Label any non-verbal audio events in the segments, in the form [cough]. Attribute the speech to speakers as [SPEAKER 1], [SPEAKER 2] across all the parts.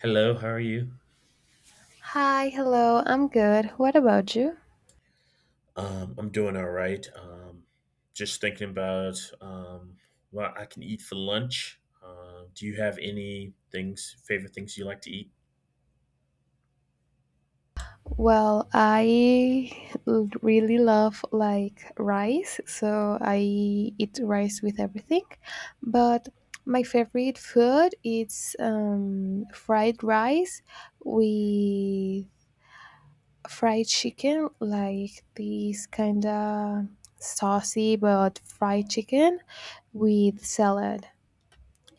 [SPEAKER 1] Hello, how are you?
[SPEAKER 2] Hi, hello. I'm good. What about you?
[SPEAKER 1] I'm doing all right. Just thinking about what I can eat for lunch. Do you have any things, favorite things you like to eat?
[SPEAKER 2] Well, really love like rice, so I eat rice with everything. But my favorite food is fried rice with fried chicken, like this kind of saucy but fried chicken with salad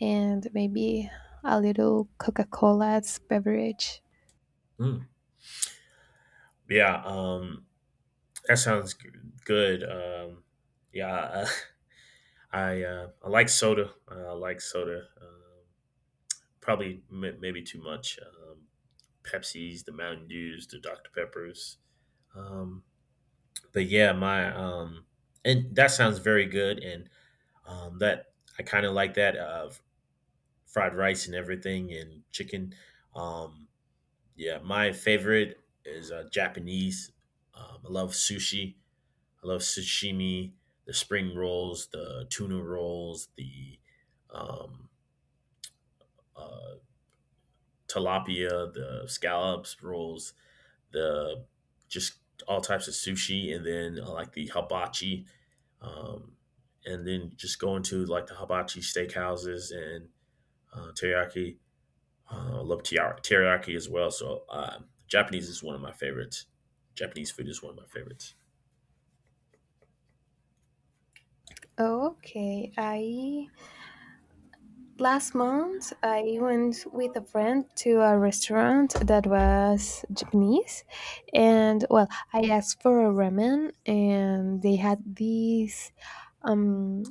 [SPEAKER 2] and maybe a little Coca-Cola's beverage.
[SPEAKER 1] Mm. Yeah, that sounds good. Yeah, I [laughs] I like soda. I like soda. Probably maybe too much. Pepsis, the Mountain Dews, the Dr Peppers. Um, but yeah, my and that sounds very good. And that, I kind of like that fried rice and everything and chicken. Um, yeah, my favorite is Japanese. I love sushi. I love sashimi, the spring rolls, the tuna rolls, the um, uh, tilapia, the scallops rolls, the just all types of sushi, and then I like the hibachi. Um, and then just going to like the hibachi steakhouses and teriyaki. I love teriyaki as well. So Japanese is one of my favorites. Japanese food is one of my favorites.
[SPEAKER 2] Okay, I Last month, I went with a friend to a restaurant that was Japanese, and well, I asked for a ramen, and they had this um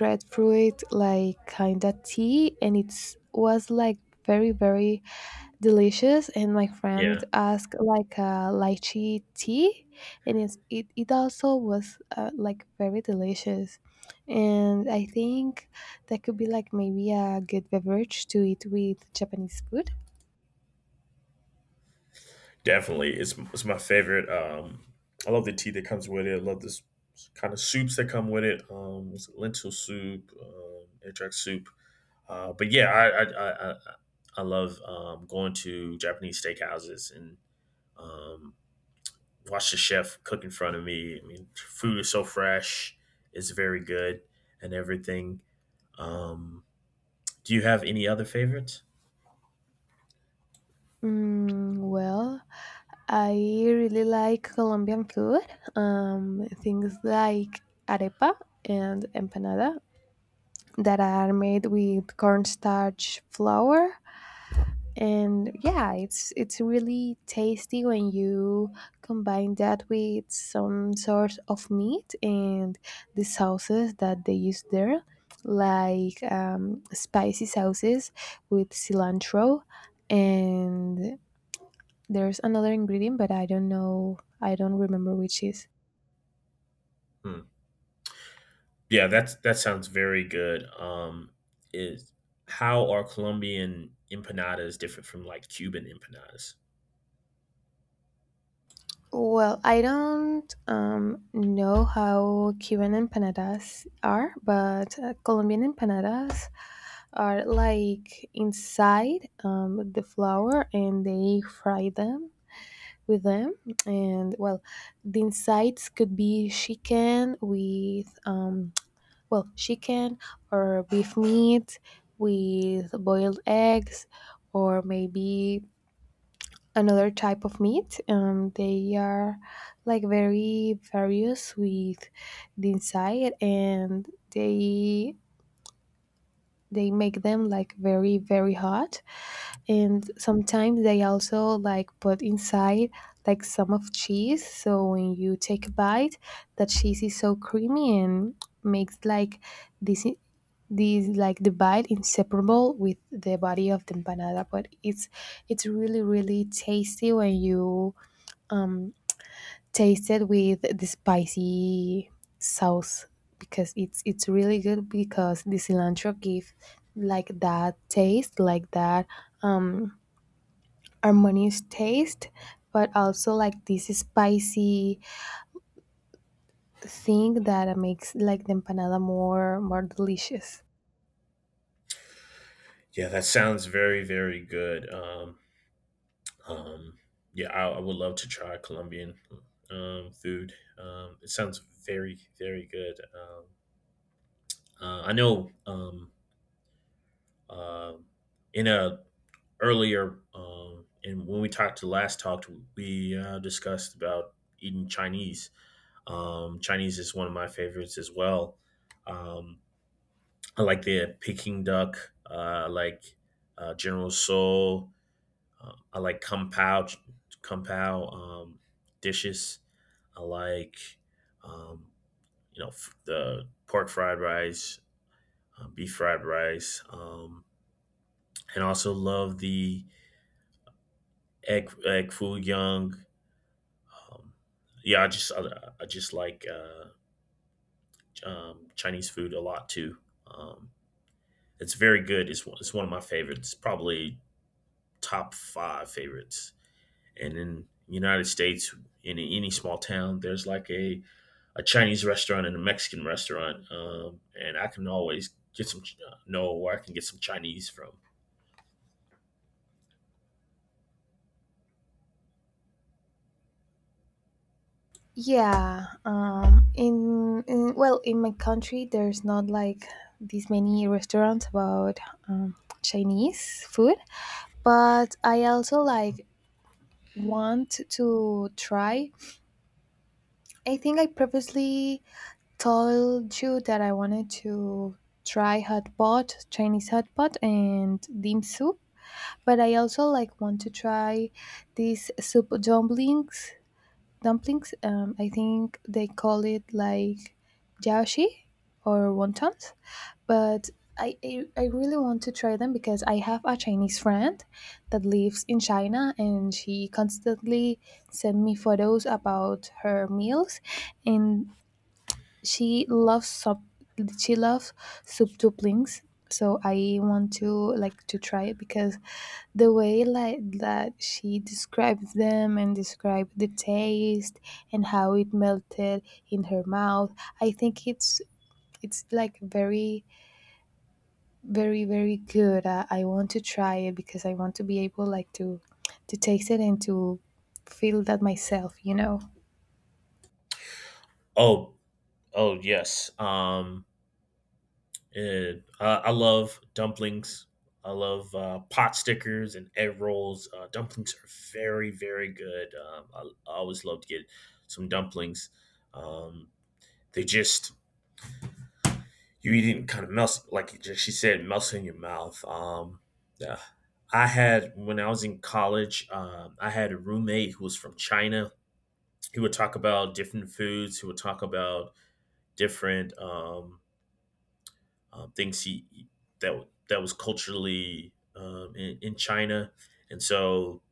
[SPEAKER 2] red fruit like kind of tea, and it was like very delicious. And my friend
[SPEAKER 1] Yeah,
[SPEAKER 2] asked like a lychee tea, and it also was like very delicious, and I think that could be like maybe a good beverage to eat with Japanese food.
[SPEAKER 1] definitely. It's my favorite. I love the tea that comes with it. I love this kind of soups that come with it. It's lentil soup, entrack soup. But yeah, I love going to Japanese steakhouses and um, watch the chef cook in front of me. I mean, food is so fresh, it's very good and everything. Um, do you have any other favorites?
[SPEAKER 2] Mm, well, I really like Colombian food. Things like arepa and empanada that are made with cornstarch flour, and yeah, it's really tasty when you combine that with some sort of meat and the sauces that they use there, like spicy sauces with cilantro, and there's another ingredient, but I don't know, I don't remember which is.
[SPEAKER 1] Hmm. Yeah, that sounds very good. Is How are Colombian empanadas different from like Cuban empanadas?
[SPEAKER 2] Well, I don't know how Cuban empanadas are, but Colombian empanadas are like inside the flour, and they fry them with them. And well, the insides could be chicken with, well, chicken or beef meat with boiled eggs, or maybe another type of meat. They are like very various with the inside, and they make them like very hot. And sometimes they also like put inside like some of cheese. So when you take a bite, that cheese is so creamy and makes like this. These like the bite inseparable with the body of the empanada, but it's really tasty when you um tasted with the spicy sauce, because it's really good, because the cilantro gives like that taste, like that um harmonious taste, but also like this spicy thing that makes like the empanada more delicious.
[SPEAKER 1] Yeah, that sounds very very good. Um, yeah, I would love to try Colombian food. It sounds very very good. I know Um in a earlier and when we talked to last talked, we discussed about eating Chinese. Chinese is one of my favorites as well. Um, I like the Peking duck. I like General Soul. I like Kung Pao, Kung Pao dishes. I like um, the pork fried rice, beef fried rice, and also love the egg foo young. Um, yeah, I just like Chinese food a lot too. Um, it's very good. It's one of my favorites. Probably top five favorites. And in United States, in any small town, there's like a Chinese restaurant and a Mexican restaurant, and I can always get some Ch- know where I can get some Chinese from.
[SPEAKER 2] Yeah, in well, in my country, there's not like these many restaurants about um, Chinese food, but I also like want to try. I think I previously told you that I wanted to try hot pot, Chinese hot pot, and dim sum. But I also like want to try these soup dumplings. Dumplings. I think they call it like jiaoxi or wontons, but I really want to try them, because I have a Chinese friend that lives in China and she constantly send me photos about her meals, and she loves sub she loves soup dumplings, so I want to like to try it, because the way like that she describes them and described the taste and how it melted in her mouth, I think it's like very good. I want to try it, because I want to be able like to taste it and to feel that myself, you know.
[SPEAKER 1] Oh, oh yes. And I love dumplings. I love pot stickers and egg rolls. Dumplings are very, very good. I always love to get some dumplings. Um, they just you eat it and kind of melts, like it just- she said, melts in your mouth. Yeah. I had when I was in college, I had a roommate who was from China. He would talk about different foods. He would talk about different things that that was culturally in China, and so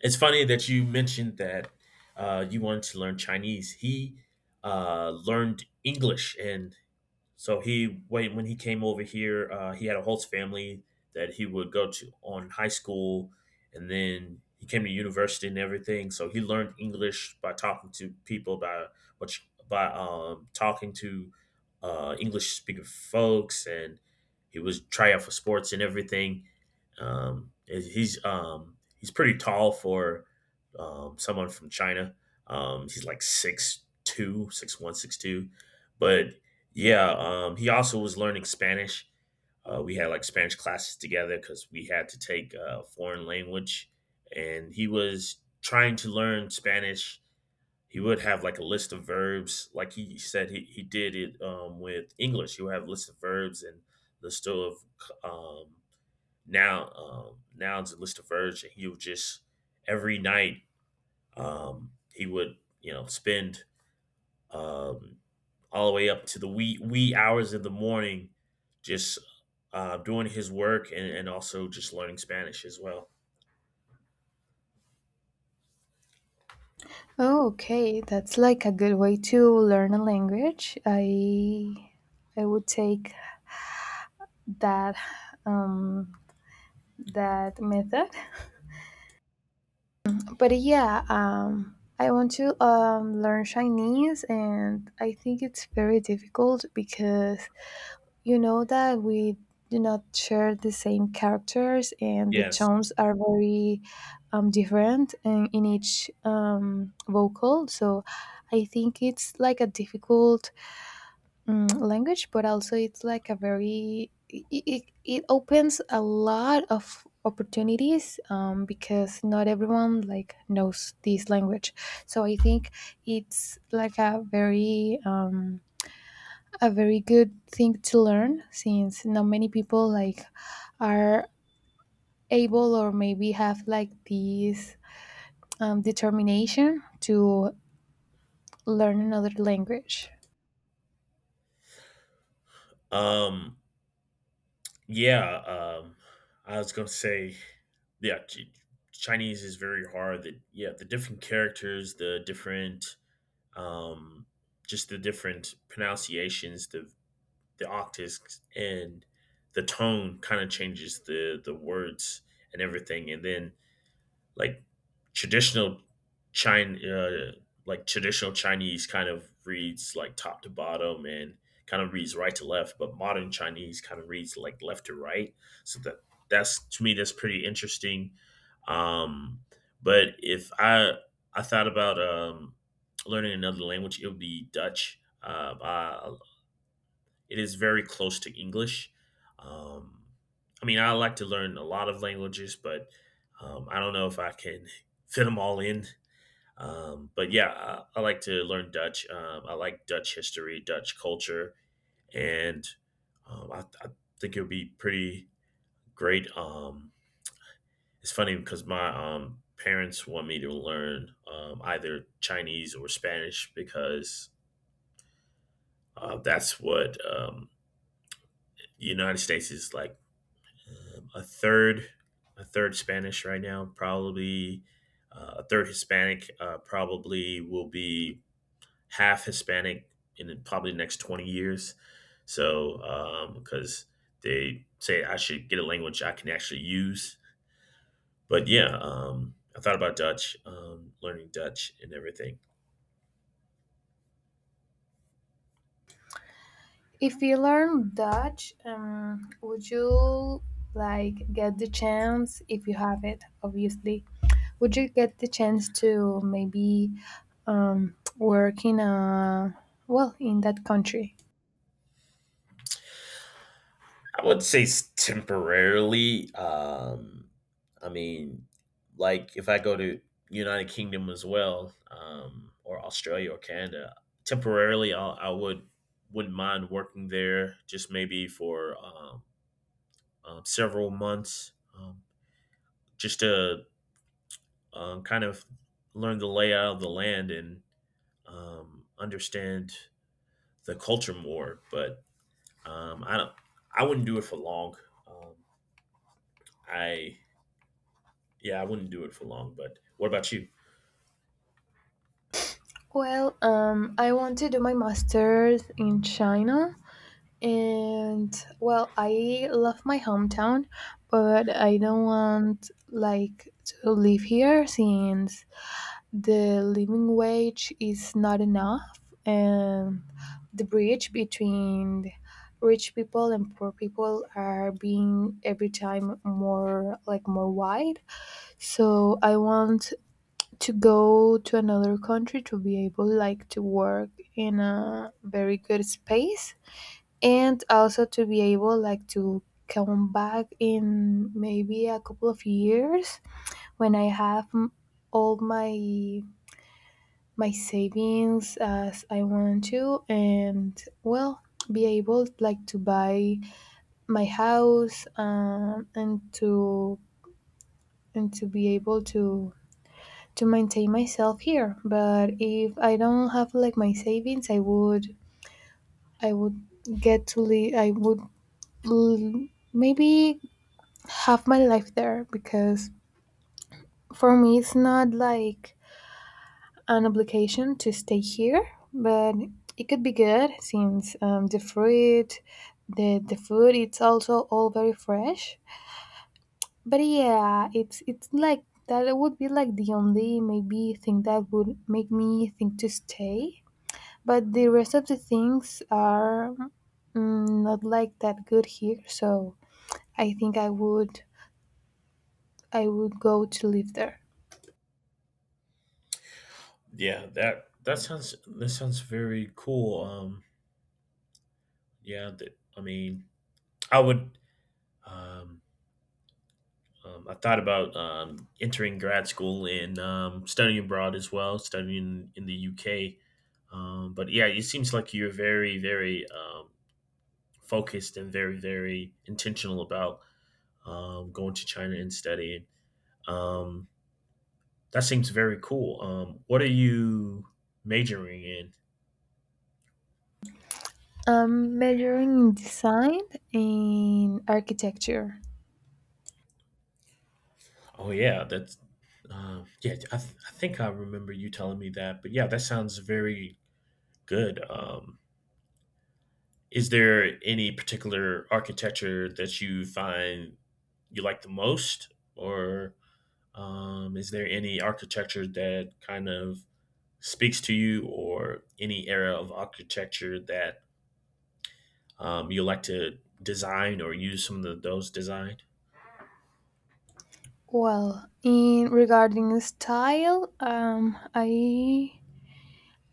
[SPEAKER 1] it's funny that you mentioned that you wanted to learn Chinese. He learned English, and so he when he came over here, he had a host family that he would go to on high school, and then he came to university and everything. So he learned English by talking to people by talking to English speaking folks, and he was try out for sports and everything. Um, he's pretty tall for someone from China. He's like 6'2", 6'1", 6'2". But yeah, he also was learning Spanish. We had like Spanish classes together because we had to take a foreign language, and he was trying to learn Spanish. He would have like a list of verbs, like he did it with English. He would have a list of verbs and list of um, now it's Lista Verge and he would just every night he would you know spend um all the way up to the wee hours of the morning just doing his work, and also just learning Spanish as well.
[SPEAKER 2] Oh, okay, that's like a good way to learn a language. I would take that um that method. But yeah, um, I want to learn Chinese, and I think it's very difficult, because you know that we do not share the same characters, and the
[SPEAKER 1] Yes.
[SPEAKER 2] tones are very different in each vocal. So I think it's like a difficult language, but also it's like a very it opens a lot of opportunities because not everyone like knows this language, so I think it's like a very good thing to learn, since not many people like are able or maybe have like this determination to learn another language.
[SPEAKER 1] Um yeah, um I was gonna say yeah Chinese is very hard that yeah the different characters the different um just the different pronunciations the octaves and the tone kind of changes the words and everything and then like traditional China like traditional Chinese kind of reads like top to bottom and kind of reads right to left but modern Chinese kind of reads like left to right so that that's to me that's pretty interesting um but if I thought about learning another language it would be Dutch I it is very close to English. Um, I mean, I like to learn a lot of languages, but I don't know if I can [laughs] fit them all in. But yeah, I like to learn Dutch. I like Dutch history, Dutch culture, and I think it would be pretty great. It's funny because my parents want me to learn either Chinese or Spanish because that's what the United States is like um, a third a third Spanish right now, probably a third Hispanic, probably will be half Hispanic probably the next 20 years. So, because they say I should get a language I can actually use. But yeah, I thought about Dutch, learning Dutch and everything.
[SPEAKER 2] If you learn Dutch, would you like get the chance, if you have it obviously, would you get the chance to maybe work in a, well, in that country?
[SPEAKER 1] I would say temporarily. I mean, like if I go to United Kingdom as well, or Australia or Canada, I would wouldn't mind working there, just maybe for several months, um, just to kind of learn the layout of the land and understand the culture more. But I don't. I wouldn't do it for long. Um, I yeah, I wouldn't do it for long. But what about you?
[SPEAKER 2] Well, I want to do my master's in China. And well, I love my hometown, but I don't want like to live here, since the living wage is not enough, and the bridge between rich people and poor people are being every time more like more wide. So I want to go to another country to be able like to work in a very good space, and also to be able like to come back in maybe a couple of years, when all my my savings as I want to, and well, be able like to buy my house and to be able to maintain myself here. But if I don't have like my savings, I would get to live, l- maybe half my life there, because for me it's not like an obligation to stay here, but it could be good since the fruit, the food, it's also all very fresh. But yeah, it's like that. It would be like the only maybe thing that would make me think to stay. But the rest of the things are mm, not like that good here, so I think I would go to live there.
[SPEAKER 1] Yeah, that sounds very cool. Yeah, that I mean, I would. Um, I thought about entering grad school and studying abroad as well, studying in the UK. But yeah, it seems like you're very, very focused and very, very intentional about going to China and studying. Um, that seems very cool. What are you majoring in?
[SPEAKER 2] I'm majoring in design and architecture.
[SPEAKER 1] Oh yeah, that's yeah. I think I remember you telling me that, but yeah, that sounds very good. Is there any particular architecture that you find you like the most, or is there any architecture that kind of speaks to you, or any era of architecture that you like to design or use some of the, those designed?
[SPEAKER 2] Well, in regarding style,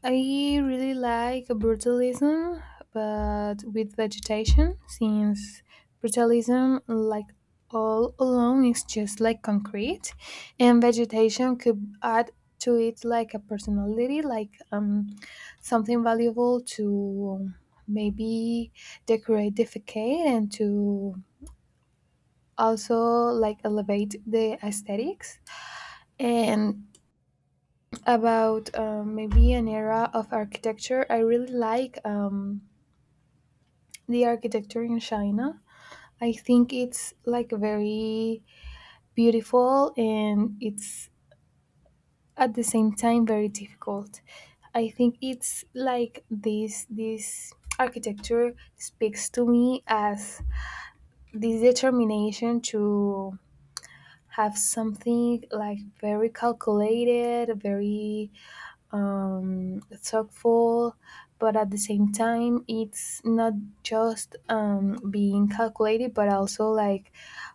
[SPEAKER 2] I really like brutalism, but with vegetation, since brutalism, like all alone, is just like concrete, and vegetation could add to it like a personality, like something valuable to maybe decorate the facade and to also like elevate the aesthetics. And about maybe an era of architecture. I really like the architecture in China. I think it's like very beautiful, and it's at the same time very difficult. I think it's like this architecture speaks to me as this determination to have something like very calculated, very thoughtful, but at the same time, it's not just being calculated, but also like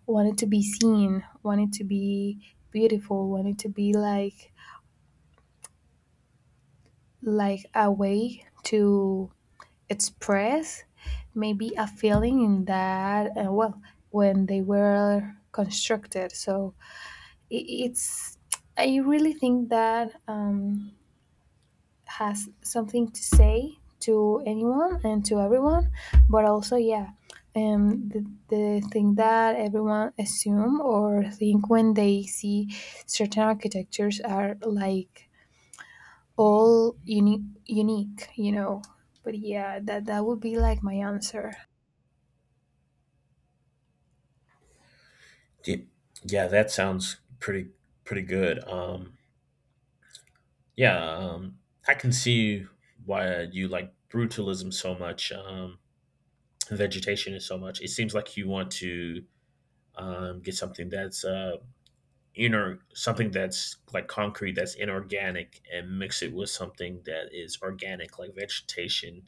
[SPEAKER 2] wanted to be seen, wanted to be beautiful, wanted to be like a way to express maybe a feeling in that. Well, when they were constructed, so it, it's. I really think that has something to say to anyone and to everyone, but also yeah the thing that everyone assume or think when they see certain architectures are like all unique, you know. But yeah, that that would be like my answer.
[SPEAKER 1] Ye- Yeah, that sounds pretty pretty good. Yeah, um, I can see why you like brutalism so much, vegetation is so much. It seems like you want to get something that's inner, something that's like concrete, that's inorganic, and mix it with something that is organic, like vegetation,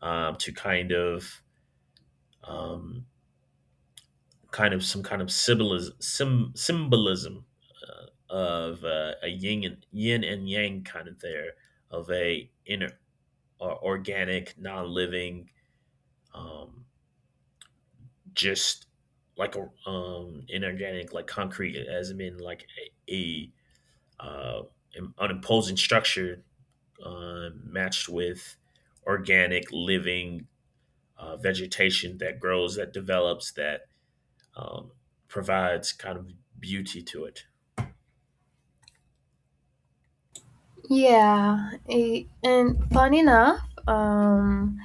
[SPEAKER 1] to um, kind of some kind of symbolism, symbolism of a yin and yang kind of there of a inner or organic, non-living, um, just like a inorganic, like concrete, as in like a uh, an imposing structure matched with organic, living vegetation that grows, that develops, that um, provides kind of beauty to it.
[SPEAKER 2] Yeah, eh, and funny enough um,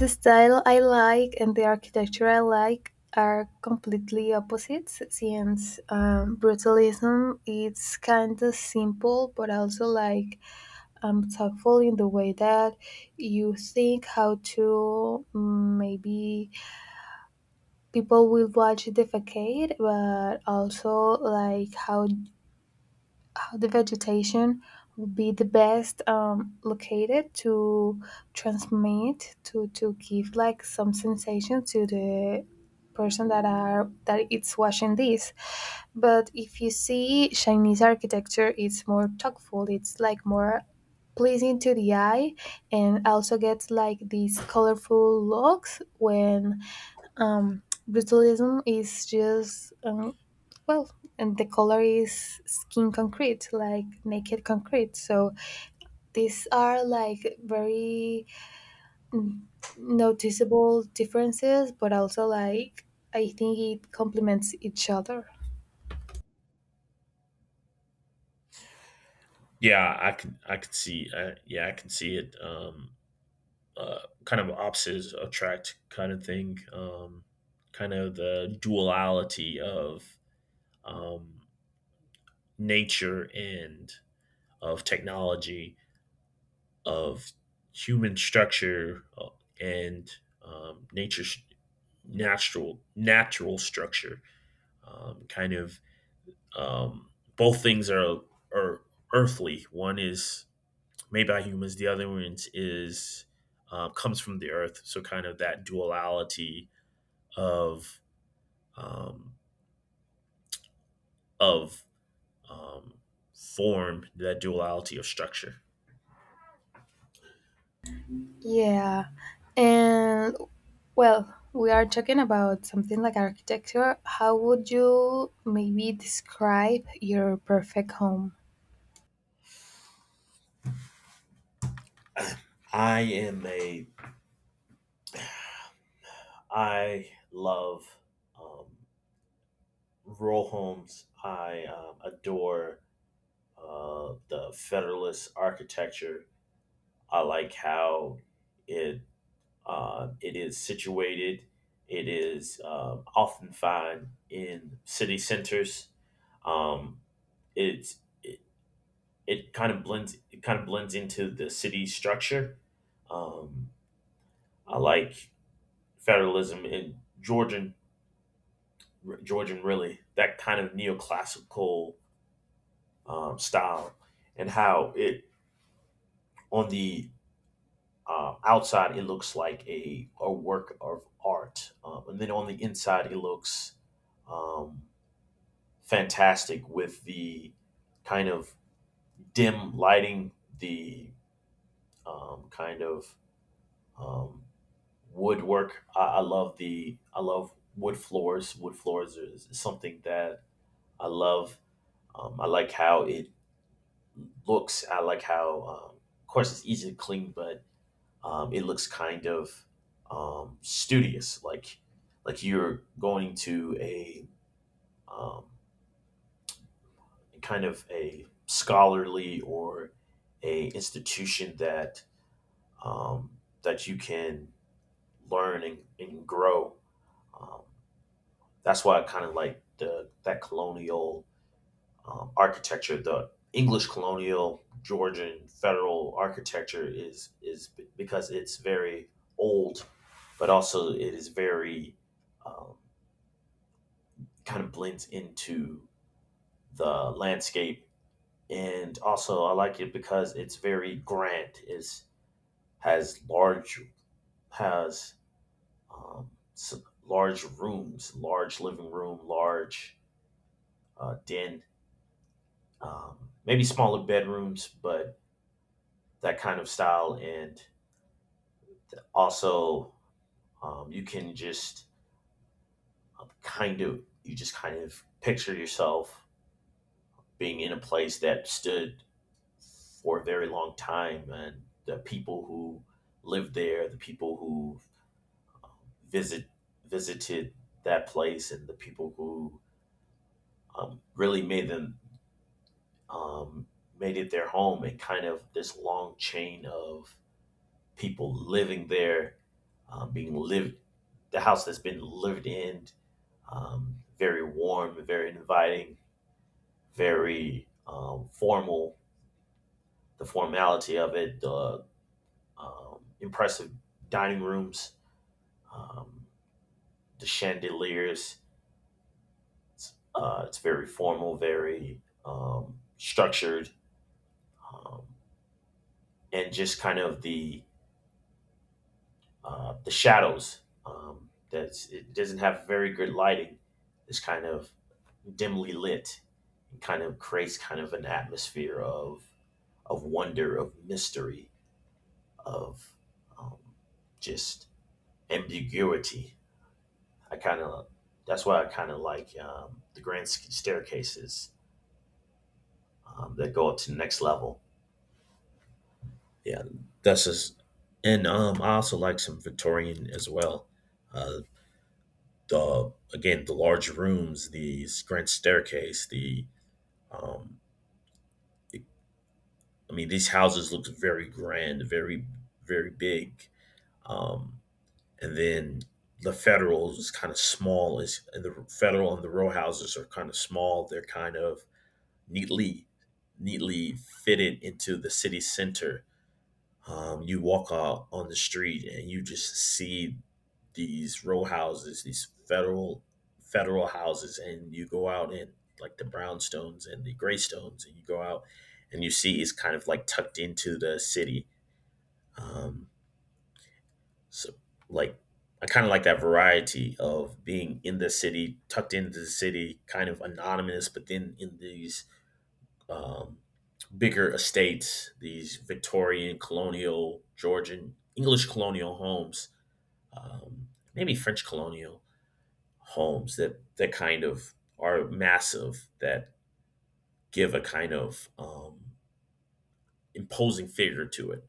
[SPEAKER 2] the style I like and the architecture I like are completely opposites, since brutalism is kind of simple but also like thoughtful in the way that you think how to mm, maybe people will watch the facade, but also like how the vegetation would be the best located to transmit to give like some sensation to the person that are that it's watching this. But if you see Chinese architecture, it's more tactful, it's like more pleasing to the eye, and also gets like these colorful looks, when um, brutalism is just well, and the color is skin concrete, like naked concrete. So these are like very n- noticeable differences, but also like I think it complements each other.
[SPEAKER 1] Yeah, I can see. Yeah, I can see it. Uh, Kind of opposites attract kind of thing. Kind of the duality of um, nature and of technology, of human structure and nature's natural natural structure. Kind of um, both things are earthly. One is made by humans. The other one is comes from the earth. So kind of that duality of um, of um, form, that duality of structure.
[SPEAKER 2] Yeah. And well, we are talking about something like architecture. How would you maybe describe your perfect home?
[SPEAKER 1] I am a I love um, rural homes. I adore the Federalist architecture. I like how it it is situated. It is often found in city centers. Um, it's it, it kind of blends into the city structure. Um, I like federalism in Georgian really that kind of neoclassical style and how it on the outside it looks like a work of art and then on the inside it looks um, fantastic with the kind of dim lighting the kind of um, woodwork. I love wood floors. Wood floors is something that I love. I like how it looks. I like how, of course, it's easy to clean, but it looks kind of studious, like you're going to a um, kind of a scholarly or a institution that um, that you can learn and grow. Um, That's why I kind of like the that colonial architecture. The English colonial Georgian federal architecture is because it's very old, but also it is very um, kind of blends into the landscape. And also, I like it because it's very grand. It's has has um, large rooms, large living room, large den maybe smaller bedrooms, but that kind of style. And also, you can just kind of, you just kind of picture yourself being in a place that stood for a very long time and the people who lived there, the people who um, visit visited that place, and the people who really made them um, made it their home, and kind of this long chain of people living there, being lived, the house that's been lived in, very warm, very inviting, very formal, the formality of it, the impressive dining rooms, um, the chandeliers. It's very formal, very structured, um, and just kind of the shadows. That's it doesn't have very good lighting. It's kind of dimly lit and kind of creates kind of an atmosphere of wonder, of mystery, of um, just ambiguity. I kind of That's why I kind of like the grand staircases that go up to the next level. Yeah, that's just and I also like some Victorian as well. Uh, the again the large rooms, the grand staircase, the um, I mean, these houses looked very grand, very, very big. Um, and then the federal is kind of small. Is and The federal and the row houses are kind of small. They're kind of neatly, neatly fitted into the city center. You walk out on the street and you just see these row houses, these federal houses, and you go out in like the brownstones and the graystones, and you go out and you see it's kind of like tucked into the city. Um, so like I kind of like that variety of being in the city, tucked into the city, kind of anonymous, but then in these um, bigger estates, these Victorian, colonial, Georgian, English colonial homes, um, maybe French colonial homes that that kind of are massive that give a kind of imposing figure to it.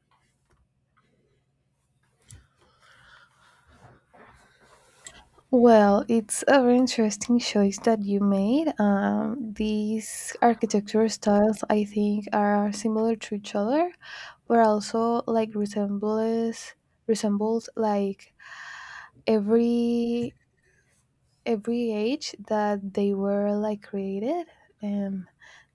[SPEAKER 2] Well, it's a very interesting choice that you made. These architecture styles, I think, are similar to each other, but also like resembles like every every age that they were like created um,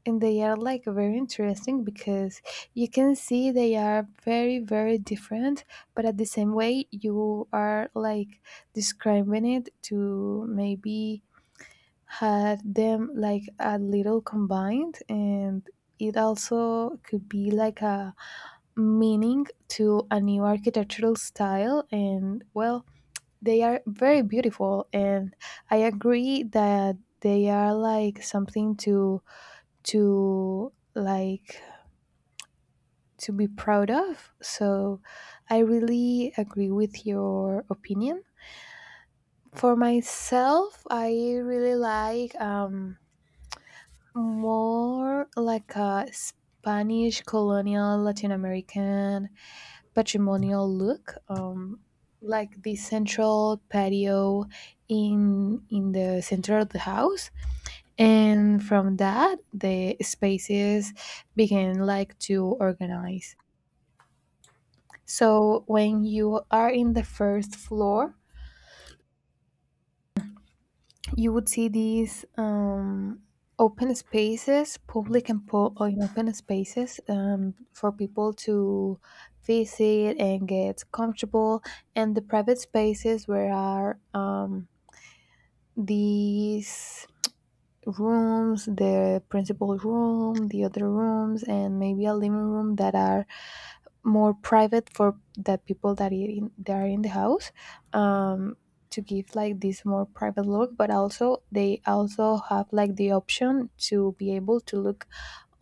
[SPEAKER 2] and they are like very interesting, because you can see they are very different, but at the same way you are like describing it to maybe had them like a little combined, and it also could be like a meaning to a new architectural style. And well, they are very beautiful, and I agree that they are like something to to like to be proud of. So I really agree with your opinion. For myself, I really like more like a Spanish colonial Latin American patrimonial look, like the central patio in the center of the house, and from that the spaces began like to organize. So when you are in the first floor, you would see these open spaces, public and you open spaces for people to visit and get comfortable, and the private spaces where are these rooms, the principal room, the other rooms, and maybe a living room that are more private for the people that, that are in the house um, to give like this more private look, but also they also have like the option to be able to look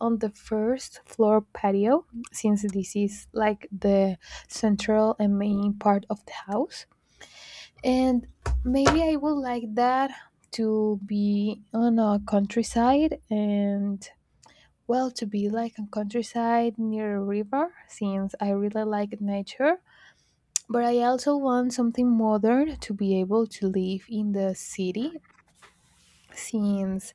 [SPEAKER 2] on the first floor patio, since this is like the central and main part of the house. And maybe I would like that to be on a countryside, and well, to be like a countryside near a river, since I really like nature, but I also want something modern to be able to live in the city, since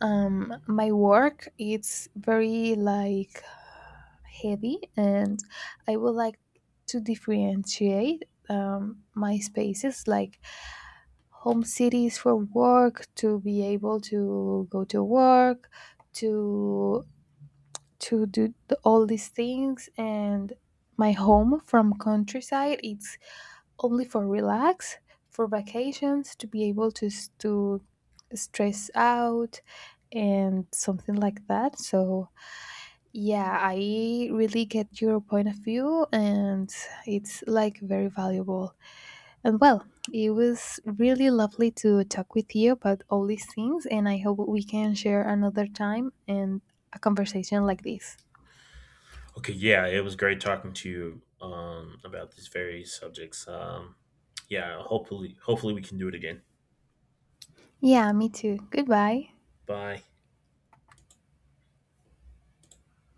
[SPEAKER 2] my work it's very like heavy, and I would like to differentiate my spaces, like home cities for work, to be able to go to work, to all these things, and my home from countryside it's only for relax, for vacations, to be able to to stress out and something like that. So yeah, I really get your point of view, and it's like very valuable. And well, it was really lovely to talk with you about all these things, and I hope we can share another time and a conversation like this.
[SPEAKER 1] Okay, yeah, it was great talking to you about these various subjects. Yeah, hopefully, hopefully we can do it again.
[SPEAKER 2] Yeah, me too. Goodbye.
[SPEAKER 1] Bye.